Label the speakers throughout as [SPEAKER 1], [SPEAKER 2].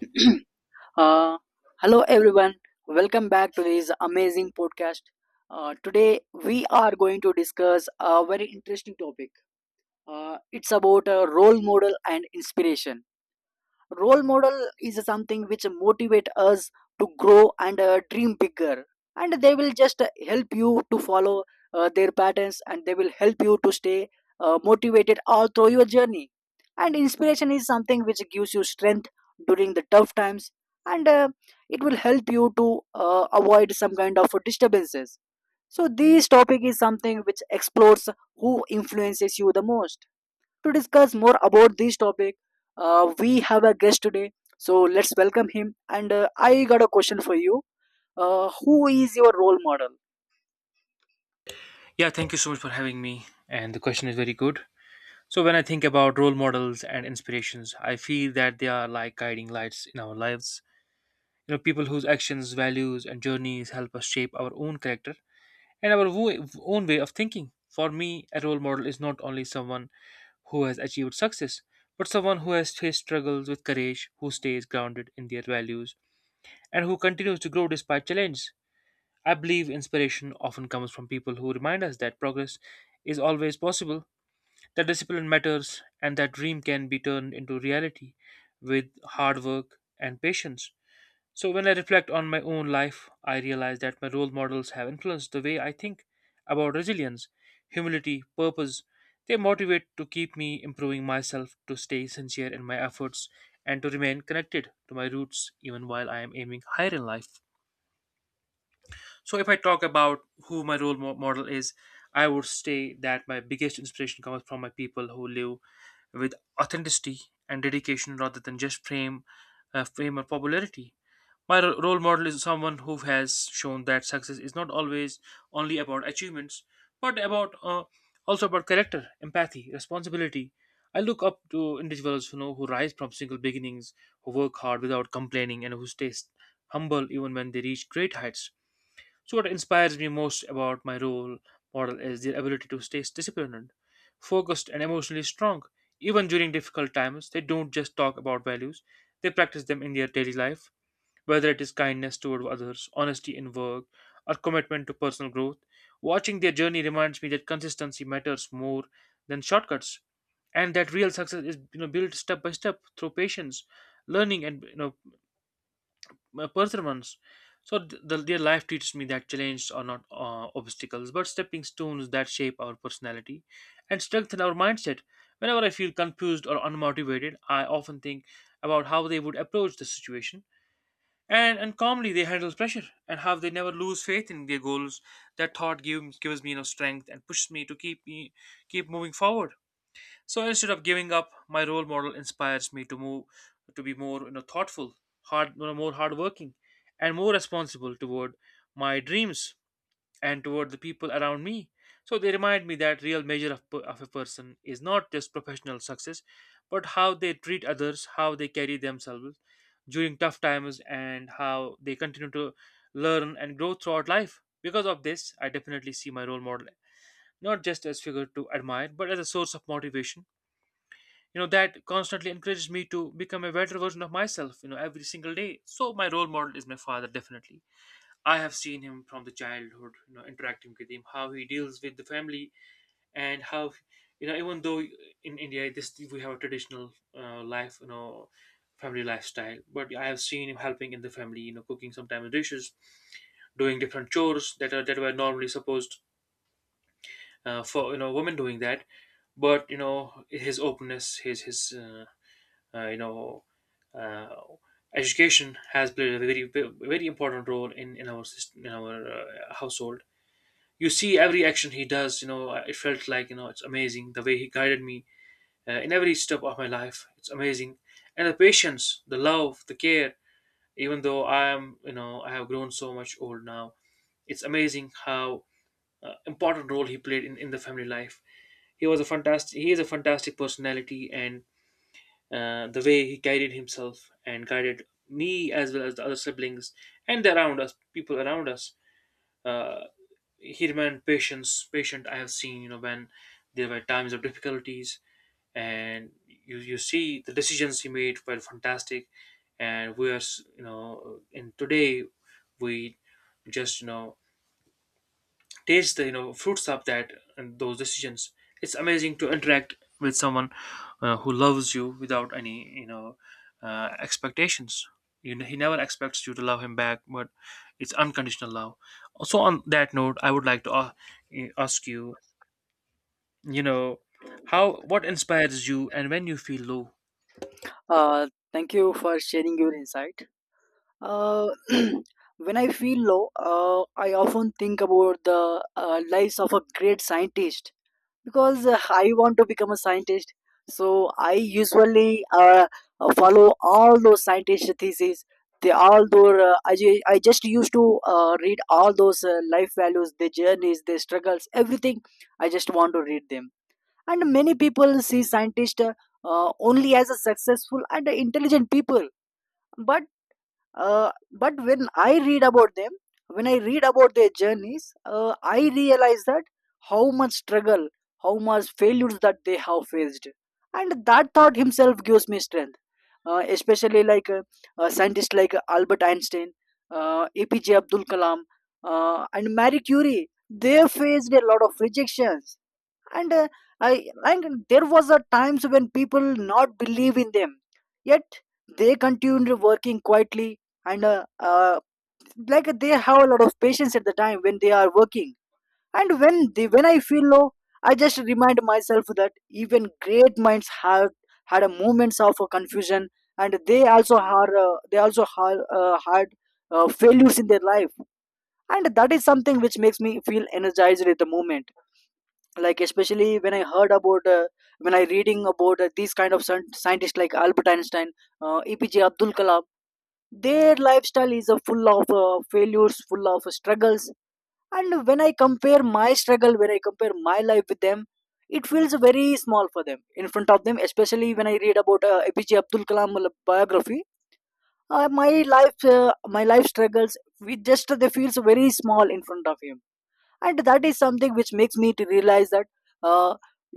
[SPEAKER 1] Uh, Hello, everyone. Welcome back to this amazing podcast. Today, we are going to discuss a very interesting topic. It's about a role model and inspiration. Role model is something which motivate us to grow and dream bigger, and they will just help you to follow their patterns, and they will help you to stay motivated all through your journey. And inspiration is something which gives you strength during the tough times, and it will help you to avoid some kind of disturbances. So this topic is something which explores who influences you the most. To discuss more about this topic, we have a guest today. So let's welcome him. And I got a question for you. Who is your role model?
[SPEAKER 2] Yeah, thank you so much for having me. And the question is very good. So, when I think about role models and inspirations, I feel that they are like guiding lights in our lives. You know, people whose actions, values, and journeys help us shape our own character and own way of thinking. For me, a role model is not only someone who has achieved success, but someone who has faced struggles with courage, who stays grounded in their values, and who continues to grow despite challenges. I believe inspiration often comes from people who remind us that progress is always possible, that discipline matters, and that dream can be turned into reality with hard work and patience. So, when I reflect on my own life, I realize that my role models have influenced the way I think about resilience, humility, purpose. They motivate to keep me improving myself, to stay sincere in my efforts, and to remain connected to my roots even while I am aiming higher in life. So if I talk about who my role model is, I would say that my biggest inspiration comes from my people who live with authenticity and dedication rather than just fame, fame or popularity. My role model is someone who has shown that success is not always only about achievements, but about also about character, empathy, responsibility. I look up to individuals, you know, who rise from single beginnings, who work hard without complaining, and who stay humble even when they reach great heights. So, what inspires me most about my role model is their ability to stay disciplined, focused, and emotionally strong. Even during difficult times, they don't just talk about values, they practice them in their daily life, whether it is kindness toward others, honesty in work, or commitment to personal growth. Watching their journey reminds me that consistency matters more than shortcuts, and that real success is, you know, built step by step through patience, learning, and, you know, my perseverance. So their life teaches me that challenges are not obstacles, but stepping stones that shape our personality and strengthen our mindset. Whenever I feel confused or unmotivated, I often think about how they would approach the situation and calmly they handle pressure and how they never lose faith in their goals. That thought gives me, you know, strength and pushes me to keep moving forward. So instead of giving up, my role model inspires me to move to be more, you know, thoughtful, more hardworking, and more responsible toward my dreams and toward the people around me. So they remind me that real measure of a person is not just professional success, but how they treat others, how they carry themselves during tough times, and how they continue to learn and grow throughout life. Because of this, I definitely see my role model not just as figure to admire, but as a source of motivation, you know, that constantly encourages me to become a better version of myself, you know, every single day. So my role model is my father, definitely. I have seen him from the childhood, you know, interacting with him, how he deals with the family. And how, you know, even though in india this we have a traditional, life, you know, family lifestyle, but I have seen him helping in the family, you know, cooking sometimes dishes, doing different chores that are that were normally supposed for, you know, women doing that. But, you know, his openness, his uh, you know uh, education has played a very very important role in our system, in our household. You see every action he does, you know, it felt like, you know, it's amazing the way he guided me in every step of my life. It's amazing. And the patience, the love, the care, even though I am, you know, I have grown so much old now, it's amazing how important role he played in the family life. He is a fantastic personality. And the way he guided himself and guided me as well as the other siblings and the around us people around us, uh, he remained patience patient. I have seen, you know, when there were times of difficulties, and you see the decisions he made were fantastic. And we are s- you know and today we just, you know, taste the, you know, fruits of that and those decisions. It's amazing to interact with someone, who loves you without any, you know, expectations. You know, he never expects you to love him back, but it's unconditional love. Also on that note, I would like to, ask you, you know, how, what inspires you and when you feel low.
[SPEAKER 1] Uh, Thank you for sharing your insight. Uh, when I feel low, I often think about the lives of a great scientist, because I want to become a scientist. So I usually follow all those scientist theses. They all those I just used to read all those life values, their journeys, their struggles, everything. I just want to read them. And many people see scientists only as a successful and intelligent people, but but when I read about them, when I read about their journeys, I realize that how much struggle, how much failures that they have faced, and that thought himself gives me strength. Especially like scientists like Albert Einstein, APJ Abdul Kalam, and Marie Curie, they faced a lot of rejections, and I and there was a times when people not believe in them, yet they continued working quietly and like they have a lot of patience at the time when they are working. And when I feel low, I just remind myself that even great minds have had a moments of confusion, and they also had, had failures in their life, and that is something which makes me feel energized at the moment, like especially when I reading about these kind of scientists like Albert Einstein, EPJ Abdul Kalam. Their lifestyle is full of failures, full of struggles. And when I compare my struggle, when I compare my life with them, it feels very small for them, in front of them, especially when I read about EPJ Abdul Kalam biography. My life, my life struggles, we just they feels very small in front of him. And that is something which makes me to realize that, uh,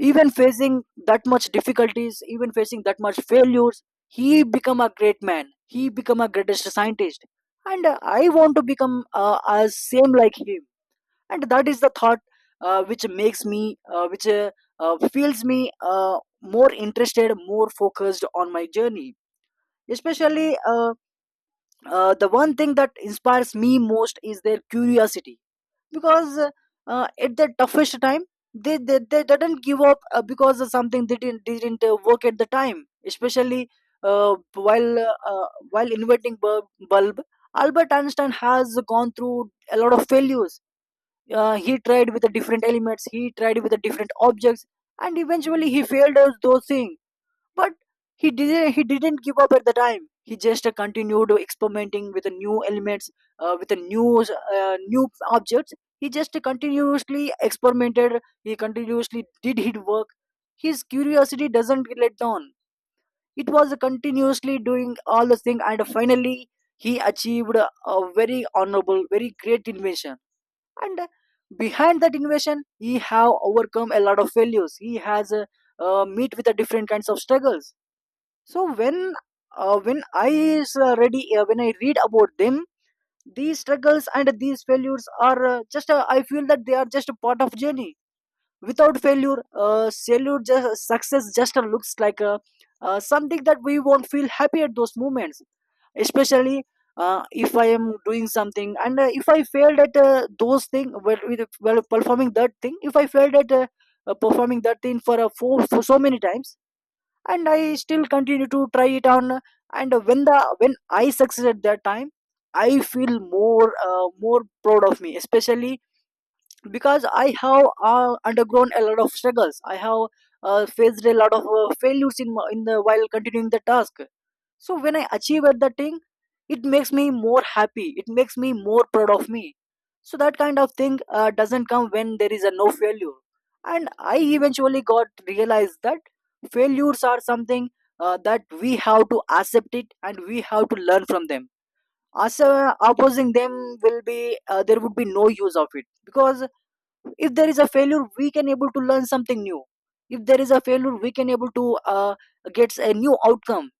[SPEAKER 1] even facing that much difficulties, even facing that much failures, he become a great man, he become a greatest scientist. And I want to become as same like him. And that is the thought which makes me, which feels me uh, more interested, more focused on my journey. Especially the one thing that inspires me most is their curiosity, because at the toughest time, they didn't give up, because of something they didn't work at the time, especially while while inventing bulb, Albert Einstein has gone through a lot of failures. He tried with the different elements, he tried with the different objects, and eventually he failed at those things. But he didn't give up at the time. He just continued experimenting with the new elements, with the new objects. He just continuously experimented. He continuously did his work. His curiosity doesn't let down. It was continuously doing all the thing, and finally he achieved a very honorable, very great invention. And behind that invention, he have overcome a lot of failures. He has meet with the different kinds of struggles. So when, when I is ready, when I read about them, these struggles and these failures are just, I feel that they are just a part of journey. Without failure, failure just, success just looks like something that we won't feel happy at those moments. Especially if I am doing something, and if I failed at those things well, with well performing that thing, if I failed at performing that thing for so many times, and I still continue to try it on, and when I succeed at that time, I feel more proud of me, especially because I have undergone a lot of struggles. I have faced a lot of failures in the while continuing the task. So when I achieve at that thing, it makes me more happy, it makes me more proud of me. So that kind of thing doesn't come when there is a no failure. And I eventually got realized that failures are something that we have to accept it, and we have to learn from them, as opposing them will be, there would be no use of it. Because if there is a failure, we can able to learn something new. If there is a failure, we can able to uh, get a new outcome.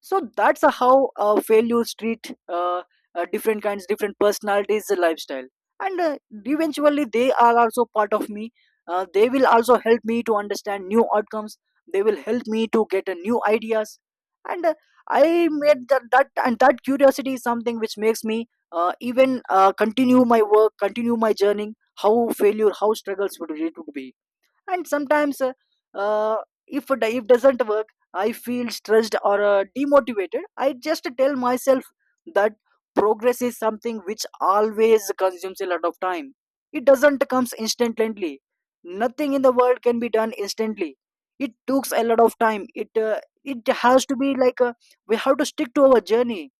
[SPEAKER 1] So that's how failures treat different kinds, different personalities, the lifestyle. And eventually they are also part of me. They will also help me to understand new outcomes. They will help me to get new ideas. And I made that curiosity is something which makes me even continue my work, continue my journey, how failure, how struggles would it would be. And sometimes uh, if it if doesn't work, I feel stressed or demotivated. I just tell myself that progress is something which always consumes a lot of time. It doesn't comes instantly. Nothing in the world can be done instantly. It takes a lot of time. It has to be like, we have to stick to our journey.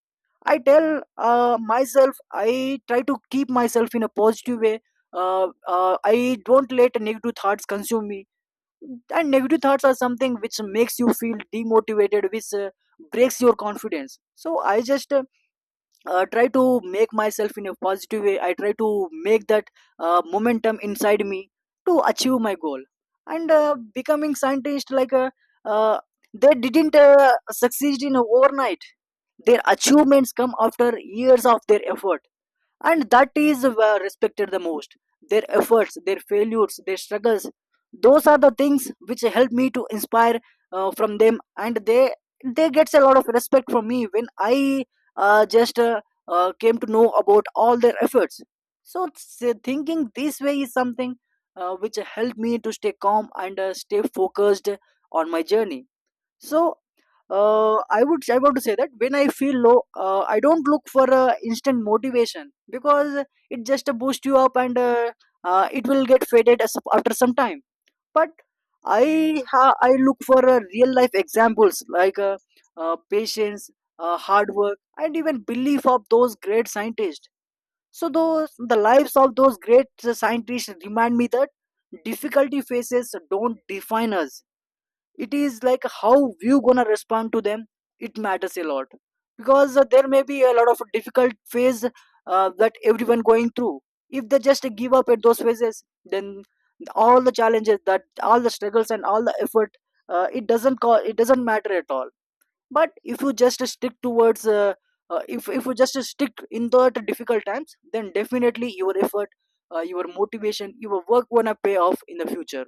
[SPEAKER 1] I tell myself, I try to keep myself in a positive way. uh, I don't let negative thoughts consume me. And negative thoughts are something which makes you feel demotivated, which breaks your confidence. So I just try to make myself in a positive way. I try to make that momentum inside me to achieve my goal. And becoming scientist like uh, they didn't succeed in overnight. Their achievements come after years of their effort. And that is respected the most. Their efforts, their failures, their struggles, those are the things which help me to inspire from them. And they gets a lot of respect from me when I just came to know about all their efforts. So thinking this way is something which helped me to stay calm and stay focused on my journey. So I would I want to say that when I feel low, I don't look for instant motivation, because it just boosts you up, and it will get faded after some time. But I look for real life examples, like patience, hard work, and even belief of those great scientists. So those the lives of those great scientists remind me that difficulty faces don't define us. It is like how you gonna respond to them, it matters a lot. Because there may be a lot of difficult phase that everyone going through. If they just give up at those phases, then all the challenges that all the struggles and all the effort, it doesn't call. It doesn't matter at all. But if you just stick towards if you just stick in the difficult times, then definitely your effort, your motivation, your work gonna pay off in the future.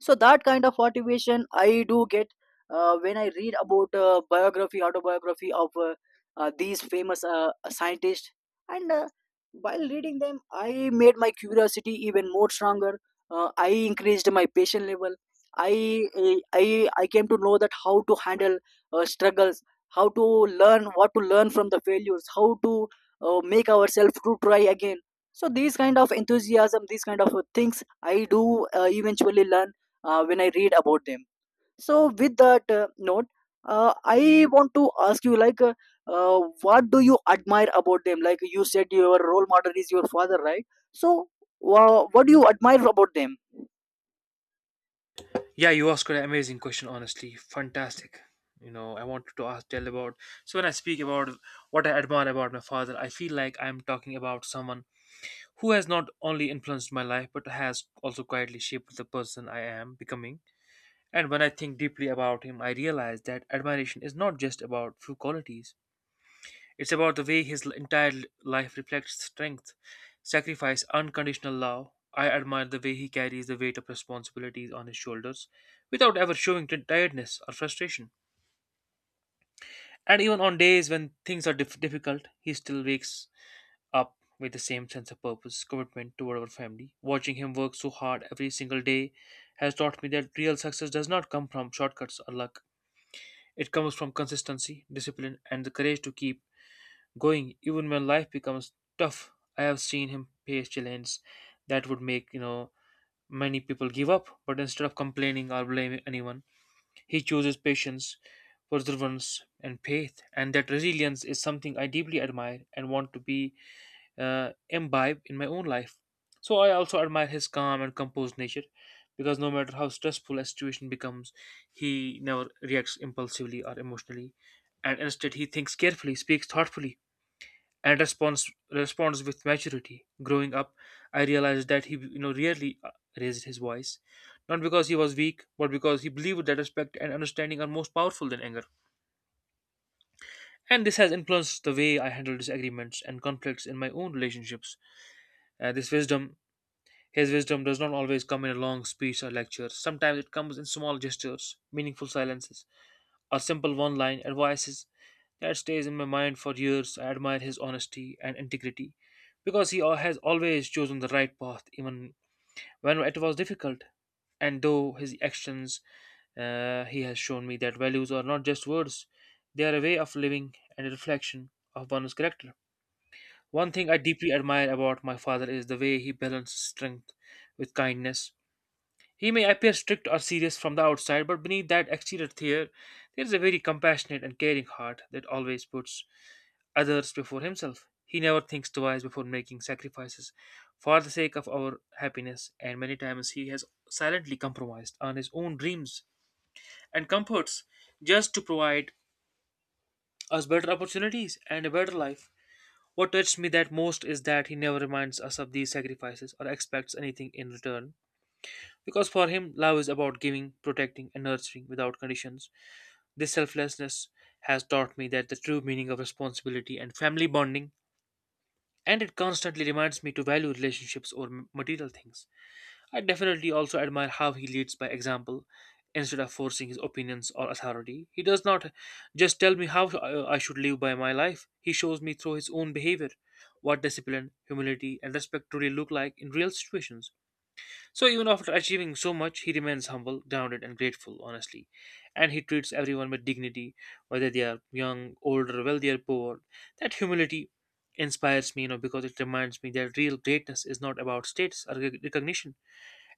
[SPEAKER 1] So that kind of motivation I do get when I read about biography, autobiography of these famous scientists. And While reading them, I made my curiosity even more stronger. I increased my patient level. I i i I came to know that how to handle struggles, how to learn, what to learn from the failures, how to make ourselves to try again. So these kind of enthusiasm, these kind of things, I do eventually learn when I read about them. So with that note, I want to ask you like what do you admire about them? Like you said your role model is your father, right? So what do you admire about them?
[SPEAKER 2] Yeah, you asked an amazing question, honestly fantastic. You know, I wanted to ask tell about. So when I speak about what I admire about my father, I feel like I'm talking about someone who has not only influenced my life but has also quietly shaped the person I am becoming. And when I think deeply about him, I realize that admiration is not just about few qualities, it's about the way his entire life reflects strength, sacrifice, unconditional love. I admire the way he carries the weight of responsibilities on his shoulders without ever showing tiredness or frustration. And even on days when things are difficult, he still wakes up with the same sense of purpose, commitment toward our family. Watching him work so hard every single day has taught me that real success does not come from shortcuts or luck. It comes from consistency, discipline, and the courage to keep going even when life becomes tough. I have seen him face challenges that would make, you know, many people give up, but instead of complaining or blaming anyone, he chooses patience, perseverance, and faith. And that resilience is something I deeply admire and want to be imbibe in my own life. So I also admire his calm and composed nature, because no matter how stressful a situation becomes, he never reacts impulsively or emotionally, and instead he thinks carefully, speaks thoughtfully, and responds with maturity. Growing up, I realized that he, you know, rarely raised his voice, not because he was weak, but because he believed that respect and understanding are most powerful than anger. And this has influenced the way I handle disagreements and conflicts in my own relationships. This wisdom His wisdom does not always come in a long speech or lecture. Sometimes it comes in small gestures, meaningful silences, or simple one line advices that stays in my mind for years. I admire his honesty and integrity because he has always chosen the right path, even when it was difficult. And though his actions, he has shown me that values are not just words, they are a way of living and a reflection of one's character. One thing I deeply admire about my father is the way he balances strength with kindness. He may appear strict or serious from the outside, but beneath that exterior there is a very compassionate and caring heart that always puts others before himself. He never thinks twice before making sacrifices for the sake of our happiness, and many times he has silently compromised on his own dreams and comforts just to provide us better opportunities and a better life. What touched me that most is that he never reminds us of these sacrifices or expects anything in return. Because for him, love is about giving, protecting, and nurturing without conditions. This selflessness has taught me that the true meaning of responsibility and family bonding, and it constantly reminds me to value relationships over material things. I definitely also admire how he leads by example. Instead of forcing his opinions or authority, he does not just tell me how, I should live by my life. He shows me through his own behavior what discipline, humility, and respect truly look like in real situations. So even after achieving so much, he remains humble, grounded, and grateful, honestly. And he treats everyone with dignity, whether they are young, older, wealthy, or poor. That humility inspires me, you know, because it reminds me that real greatness is not about status or recognition.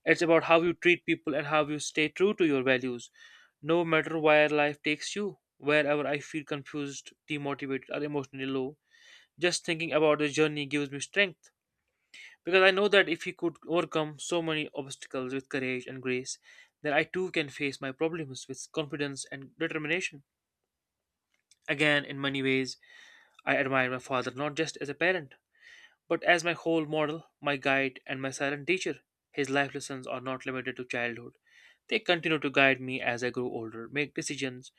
[SPEAKER 2] It's about how you treat people and how you stay true to your values, no matter where life takes you. Wherever I feel confused, demotivated, or emotionally low, just thinking about the journey gives me strength. Because I know that if he could overcome so many obstacles with courage and grace, then I too can face my problems with confidence and determination. Again, in many ways, I admire my father not just as a parent, but as my whole model, my guide, and my silent teacher. His life lessons are not limited to childhood. They continue to guide me as I grow older, make decisions,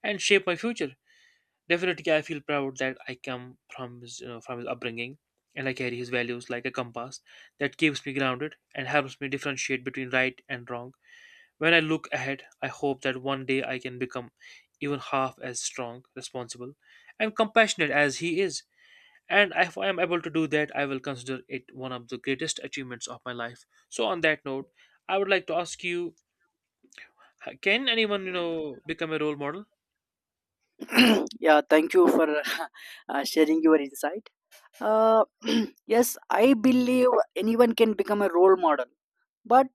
[SPEAKER 2] and shape my future. Definitely, I feel proud that I come from from his upbringing, and I carry his values like a compass that keeps me grounded and helps me differentiate between right and wrong. When I look ahead, I hope that one day I can become even half as strong, responsible, and compassionate as he is. And if I am able to do that, I will consider it one of the greatest achievements of my life. So, on that note, I would like to ask you: Can anyone become a role model?
[SPEAKER 1] Yeah, thank you for sharing your insight. uh, yes, I believe anyone can become a role model, but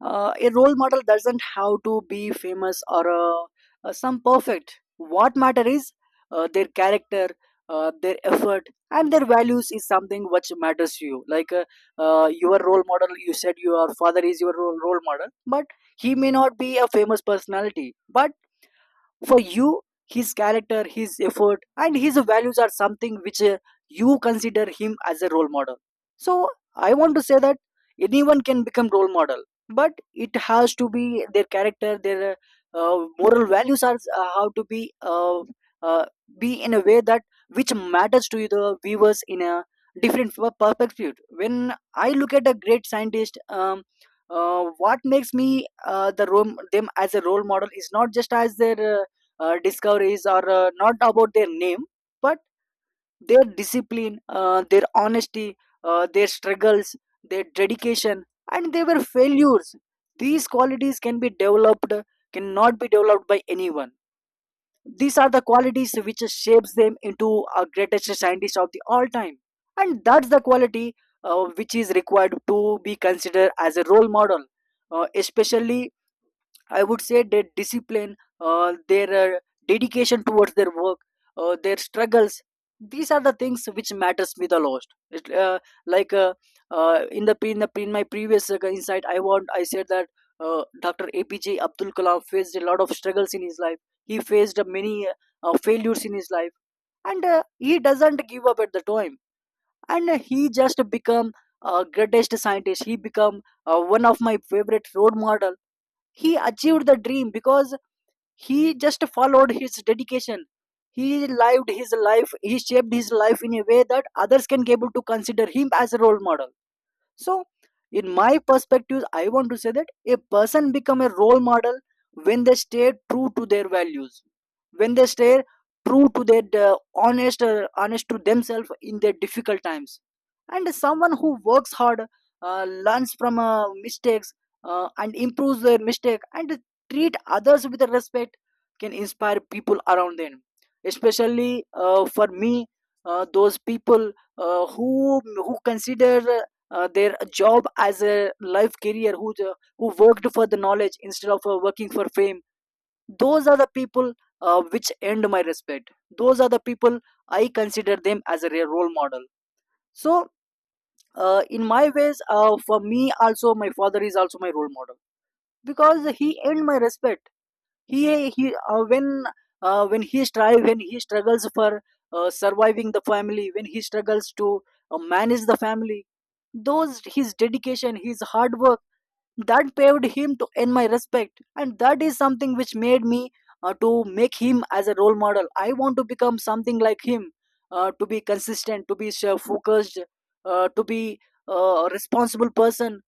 [SPEAKER 1] a role model doesn't have to be famous or some perfect. What matter is their character, their effort, and their values is something which matters to you. Like your role model, you said your father is your role model, but he may not be a famous personality. But for you, his character, his effort, and his values are something which you consider him as a role model. So I want to say that anyone can become role model, but it has to be their character, their moral values are how to uh, be in a way that which matters to the viewers in a different perspective. When I look at a great scientist, what makes me the them as a role model is not just as their discoveries are not about their name, but their discipline, their honesty, their struggles, their dedication, and they were failures. These qualities can be developed, cannot be developed by anyone. These are the qualities which shapes them into a greatest scientist of the all time. And that's the quality which is required to be considered as a role model. Especially, I would say their discipline, their dedication towards their work, their struggles. These are the things which matters me the most. It, like in the pre- in the pre- In my previous insight, I said that Dr. APJ Abdul Kalam faced a lot of struggles in his life. He faced many failures in his life, and he doesn't give up at the time. And he just become a greatest scientist. He become one of my favorite role model. He achieved the dream because he just followed his dedication. He lived his life, he shaped his life in a way that others can be able to consider him as a role model. So in my perspective, I want to say that a person become a role model when they stay true to their values, when they stay true to their honest to themselves in their difficult times, and someone who works hard, learns from mistakes, and improves their mistake and treat others with respect, can inspire people around them. Especially for me, those people uh, who who consider their job as a life career, who who worked for the knowledge instead of working for fame. Those are the people which earned my respect. Those are the people I consider them as a real role model. So in my ways, for me also, my father is also my role model because he earned my respect. He he When when he strive, when he struggles for surviving the family, when he struggles to manage the family, those his dedication, his hard work, that paved him to earn my respect. And that is something which made me to make him as a role model. I want to become something like him, to be consistent, to be so focused, to be a responsible person.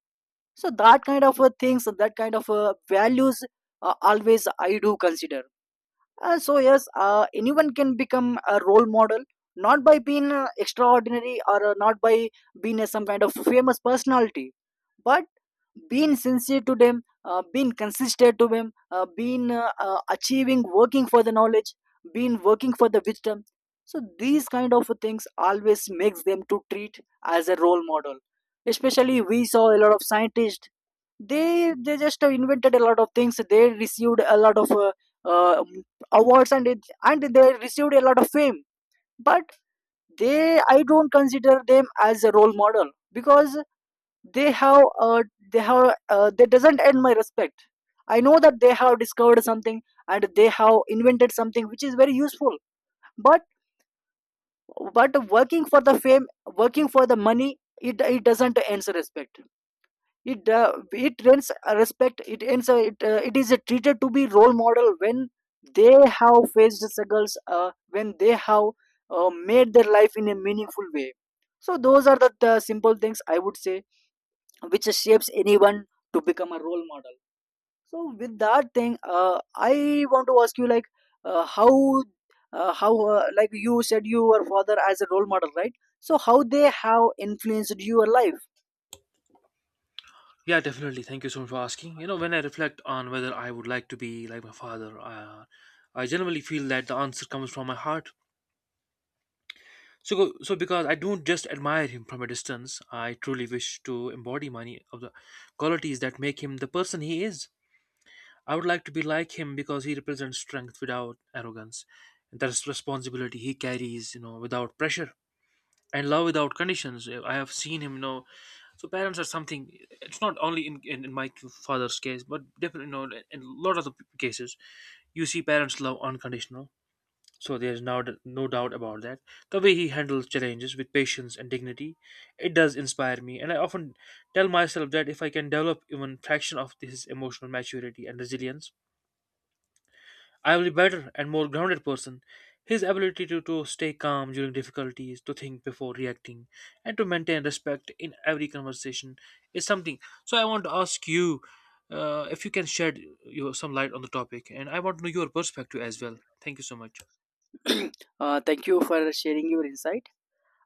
[SPEAKER 1] So that kind of things, that kind of values, always I do consider. So yes, anyone can become a role model, not by being extraordinary, or not by being some kind of famous personality, but being sincere to them, being consistent to them, being achieving, working for the knowledge, being working for the wisdom. So these kind of things always makes them to treat as a role model. Especially we saw a lot of scientists, they just invented a lot of things, they received a lot of uh, awards, and they received a lot of fame. But they I don't consider them as a role model because they have uh, they have they doesn't earn my respect. I know that they have discovered something and they have invented something which is very useful, but but working for the fame, working for the money, it doesn't earn respect. It it earns a respect it earns. A, it, It is a treated to be role model when they have faced the struggles, when they have made their life in a meaningful way. So those are the simple things I would say which shapes anyone to become a role model. So with that thing, I want to ask you like uh, how how like you said your father as a role model, right? So how they have influenced your life?
[SPEAKER 2] Yeah, definitely. Thank you so much for asking. You know, when I reflect on whether I would like to be like my father, I generally feel that the answer comes from my heart. So, because I don't just admire him from a distance, I truly wish to embody many of the qualities that make him the person he is. I would like to be like him because he represents strength without arrogance, and that's responsibility he carries, without pressure, and love without conditions. I have seen him. So parents are something. It's not only in my father's case, but definitely, in a lot of the cases, you see parents love unconditional. So there's no doubt about that. The way he handles challenges with patience and dignity, it does inspire me, and I often tell myself that if I can develop even fraction of this emotional maturity and resilience, I will be better and more grounded person. His ability to stay calm during difficulties, to think before reacting, and to maintain respect in every conversation is something. So I want to ask you, if you can shed your, some light on the topic, and I want to know your perspective as well. Thank you so much.
[SPEAKER 1] Thank you for sharing your insight.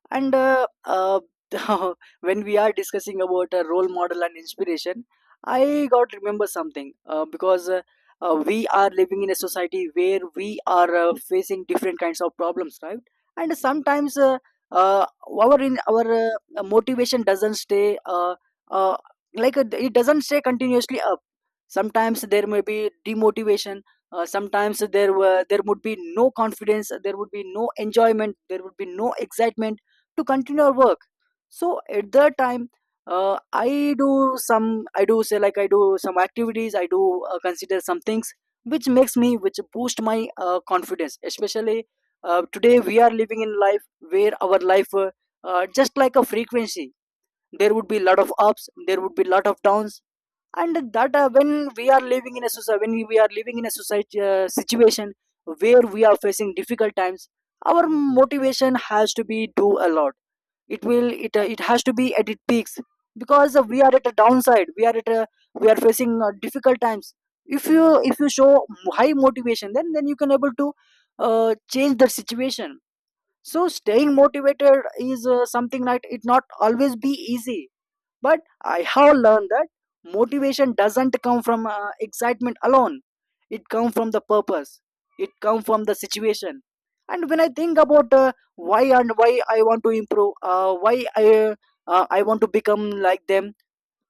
[SPEAKER 1] And When we are discussing about a role model and inspiration, I got remember something because we are living in a society where we are facing different kinds of problems, right? And sometimes our motivation doesn't stay uh, it doesn't stay continuously up. Sometimes there may be demotivation, sometimes there would be no confidence, there would be no enjoyment, there would be no excitement to continue our work. So at that time, uh, i do some I do say, like I do some activities, I do consider some things which makes me, which boost my confidence. Especially today we are living in life where our life just like a frequency, there would be lot of ups, there would be lot of downs. And that when we are living in a society When we are living in a society situation where we are facing difficult times, our motivation has to be do a lot. It will it It has to be at its peaks because we are at a downside, we are facing difficult times. If you show high motivation, then you can able to change the situation. So staying motivated is something like, it not always be easy, but I have learned that motivation doesn't come from excitement alone. It comes from the purpose. It comes from the situation. And when I think about why I want to improve, why I want to become like them,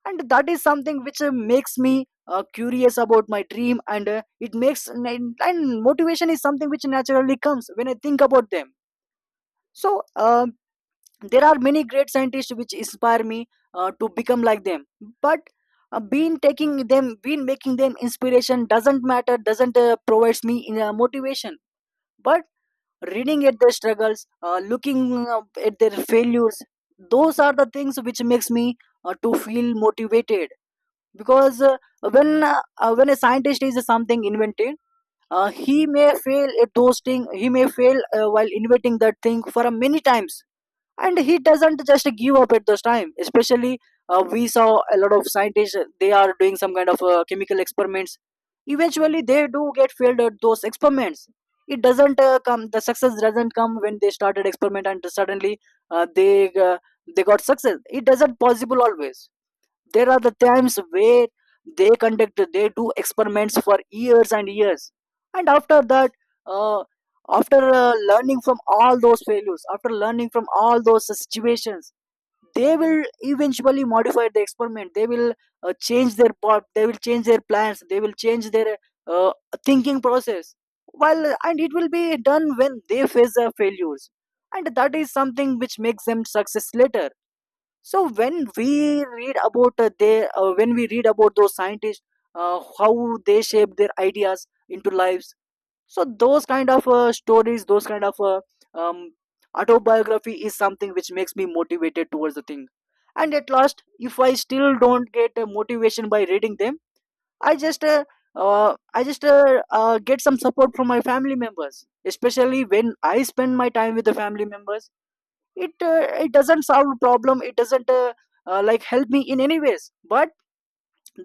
[SPEAKER 1] and that is something which makes me curious about my dream, and it makes and motivation is something which naturally comes when I think about them. So there are many great scientists which inspire me to become like them. But being making them inspiration doesn't provides me motivation. But reading at their struggles, looking at their failures, those are the things which makes me to feel motivated. Because when a scientist is something invented, he may fail at those thing, he may fail while inventing that thing for a many times, and he doesn't just give up at those time. Especially we saw a lot of scientists, they are doing some kind of chemical experiments, eventually they do get failed at those experiments. It doesn't come The success doesn't come when they started experiment and suddenly uh, they uh, they got success. It doesn't possible always. There are the times where they do experiments for years and years, and after that, uh, after learning from all those failures, after learning from all those situations, they will eventually modify the experiment. They will change their part. They will change their plans. They will change their uh, thinking process. While and It will be done when they face the failures, and that is something which makes them success later. So when we read about they when we read about those scientists, how they shape their ideas into lives. So those kind of stories, those kind of um, autobiography is something which makes me motivated towards the thing. And at last, if I still don't get motivation by reading them, i just uh, I just get some support from my family members. Especially when I spend my time with the family members, it doesn't solve problem, it doesn't like help me in any ways, but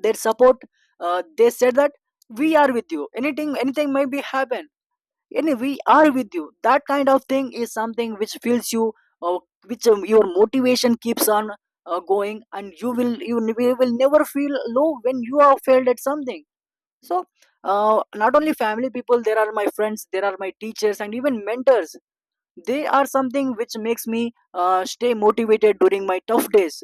[SPEAKER 1] their support, they said that we are with you, anything may be happen, any we are with you. That kind of thing is something which fills you, uh, which your motivation keeps on going, and you will never feel low when you are failed at something. So not only family people, there are my friends, there are my teachers, and even mentors. They are something which makes me stay motivated during my tough days.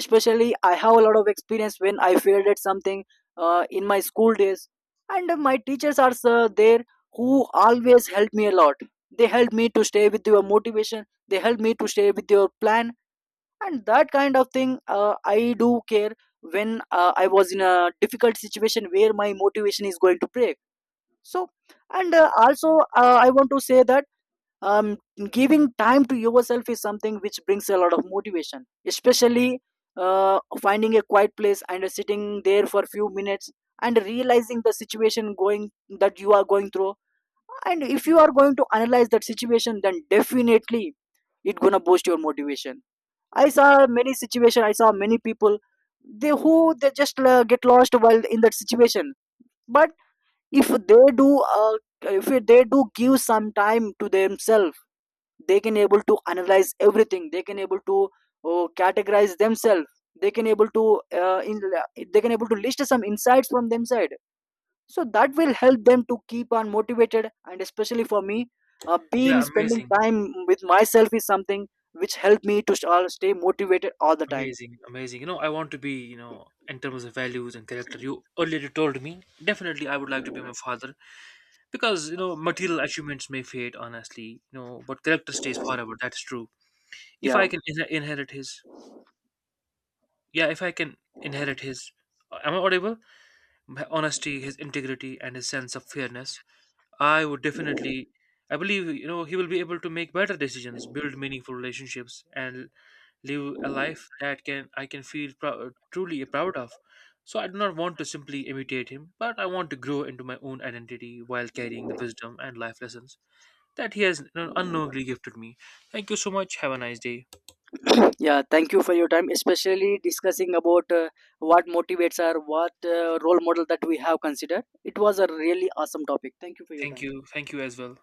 [SPEAKER 1] Especially I have a lot of experience when I failed at something in my school days, and my teachers are there who always help me a lot. They help me to stay with your motivation, they help me to stay with your plan. And that kind of thing I do care when I was in a difficult situation where my motivation is going to break. So and also I want to say that um, giving time to yourself is something which brings a lot of motivation. Especially finding a quiet place and sitting there for a few minutes and realizing the situation going that you are going through, and if you are going to analyze that situation, then definitely it gonna boost your motivation. I saw many situation, I saw many people, they just get lost while in that situation. But if they do give some time to themselves, they can able to analyze everything, they can able to, oh, categorize themselves, they can able to they can able to list some insights from them side. So that will help them to keep on motivated. And especially for me, being
[SPEAKER 2] Yeah,
[SPEAKER 1] spending
[SPEAKER 2] amazing,
[SPEAKER 1] time with myself is something which helped me to all stay motivated all the time.
[SPEAKER 2] amazing, amazing. You know, I want to be, you know, in terms of values and character. You earlier you told me definitely I would like to be my father because, you know, material achievements may fade honestly, you know, but character stays forever. That's true. If I
[SPEAKER 1] Yeah.
[SPEAKER 2] can inherit his, yeah, if I can inherit his, am I audible? My honesty, his integrity, and his sense of fairness, I would definitely, I believe, you know, he will be able to make better decisions, build meaningful relationships, and live a life that can I can feel prou- truly proud of. So I do not want to simply imitate him, but I want to grow into my own identity while carrying the wisdom and life lessons that he has, you know, unknowingly gifted me. Thank you so much. Have a nice day.
[SPEAKER 1] Yeah, thank you for your time, especially discussing about what motivates our, what role model that we have considered. It was a really awesome topic. Thank you for your
[SPEAKER 2] Thank
[SPEAKER 1] time.
[SPEAKER 2] you. Thank you as well.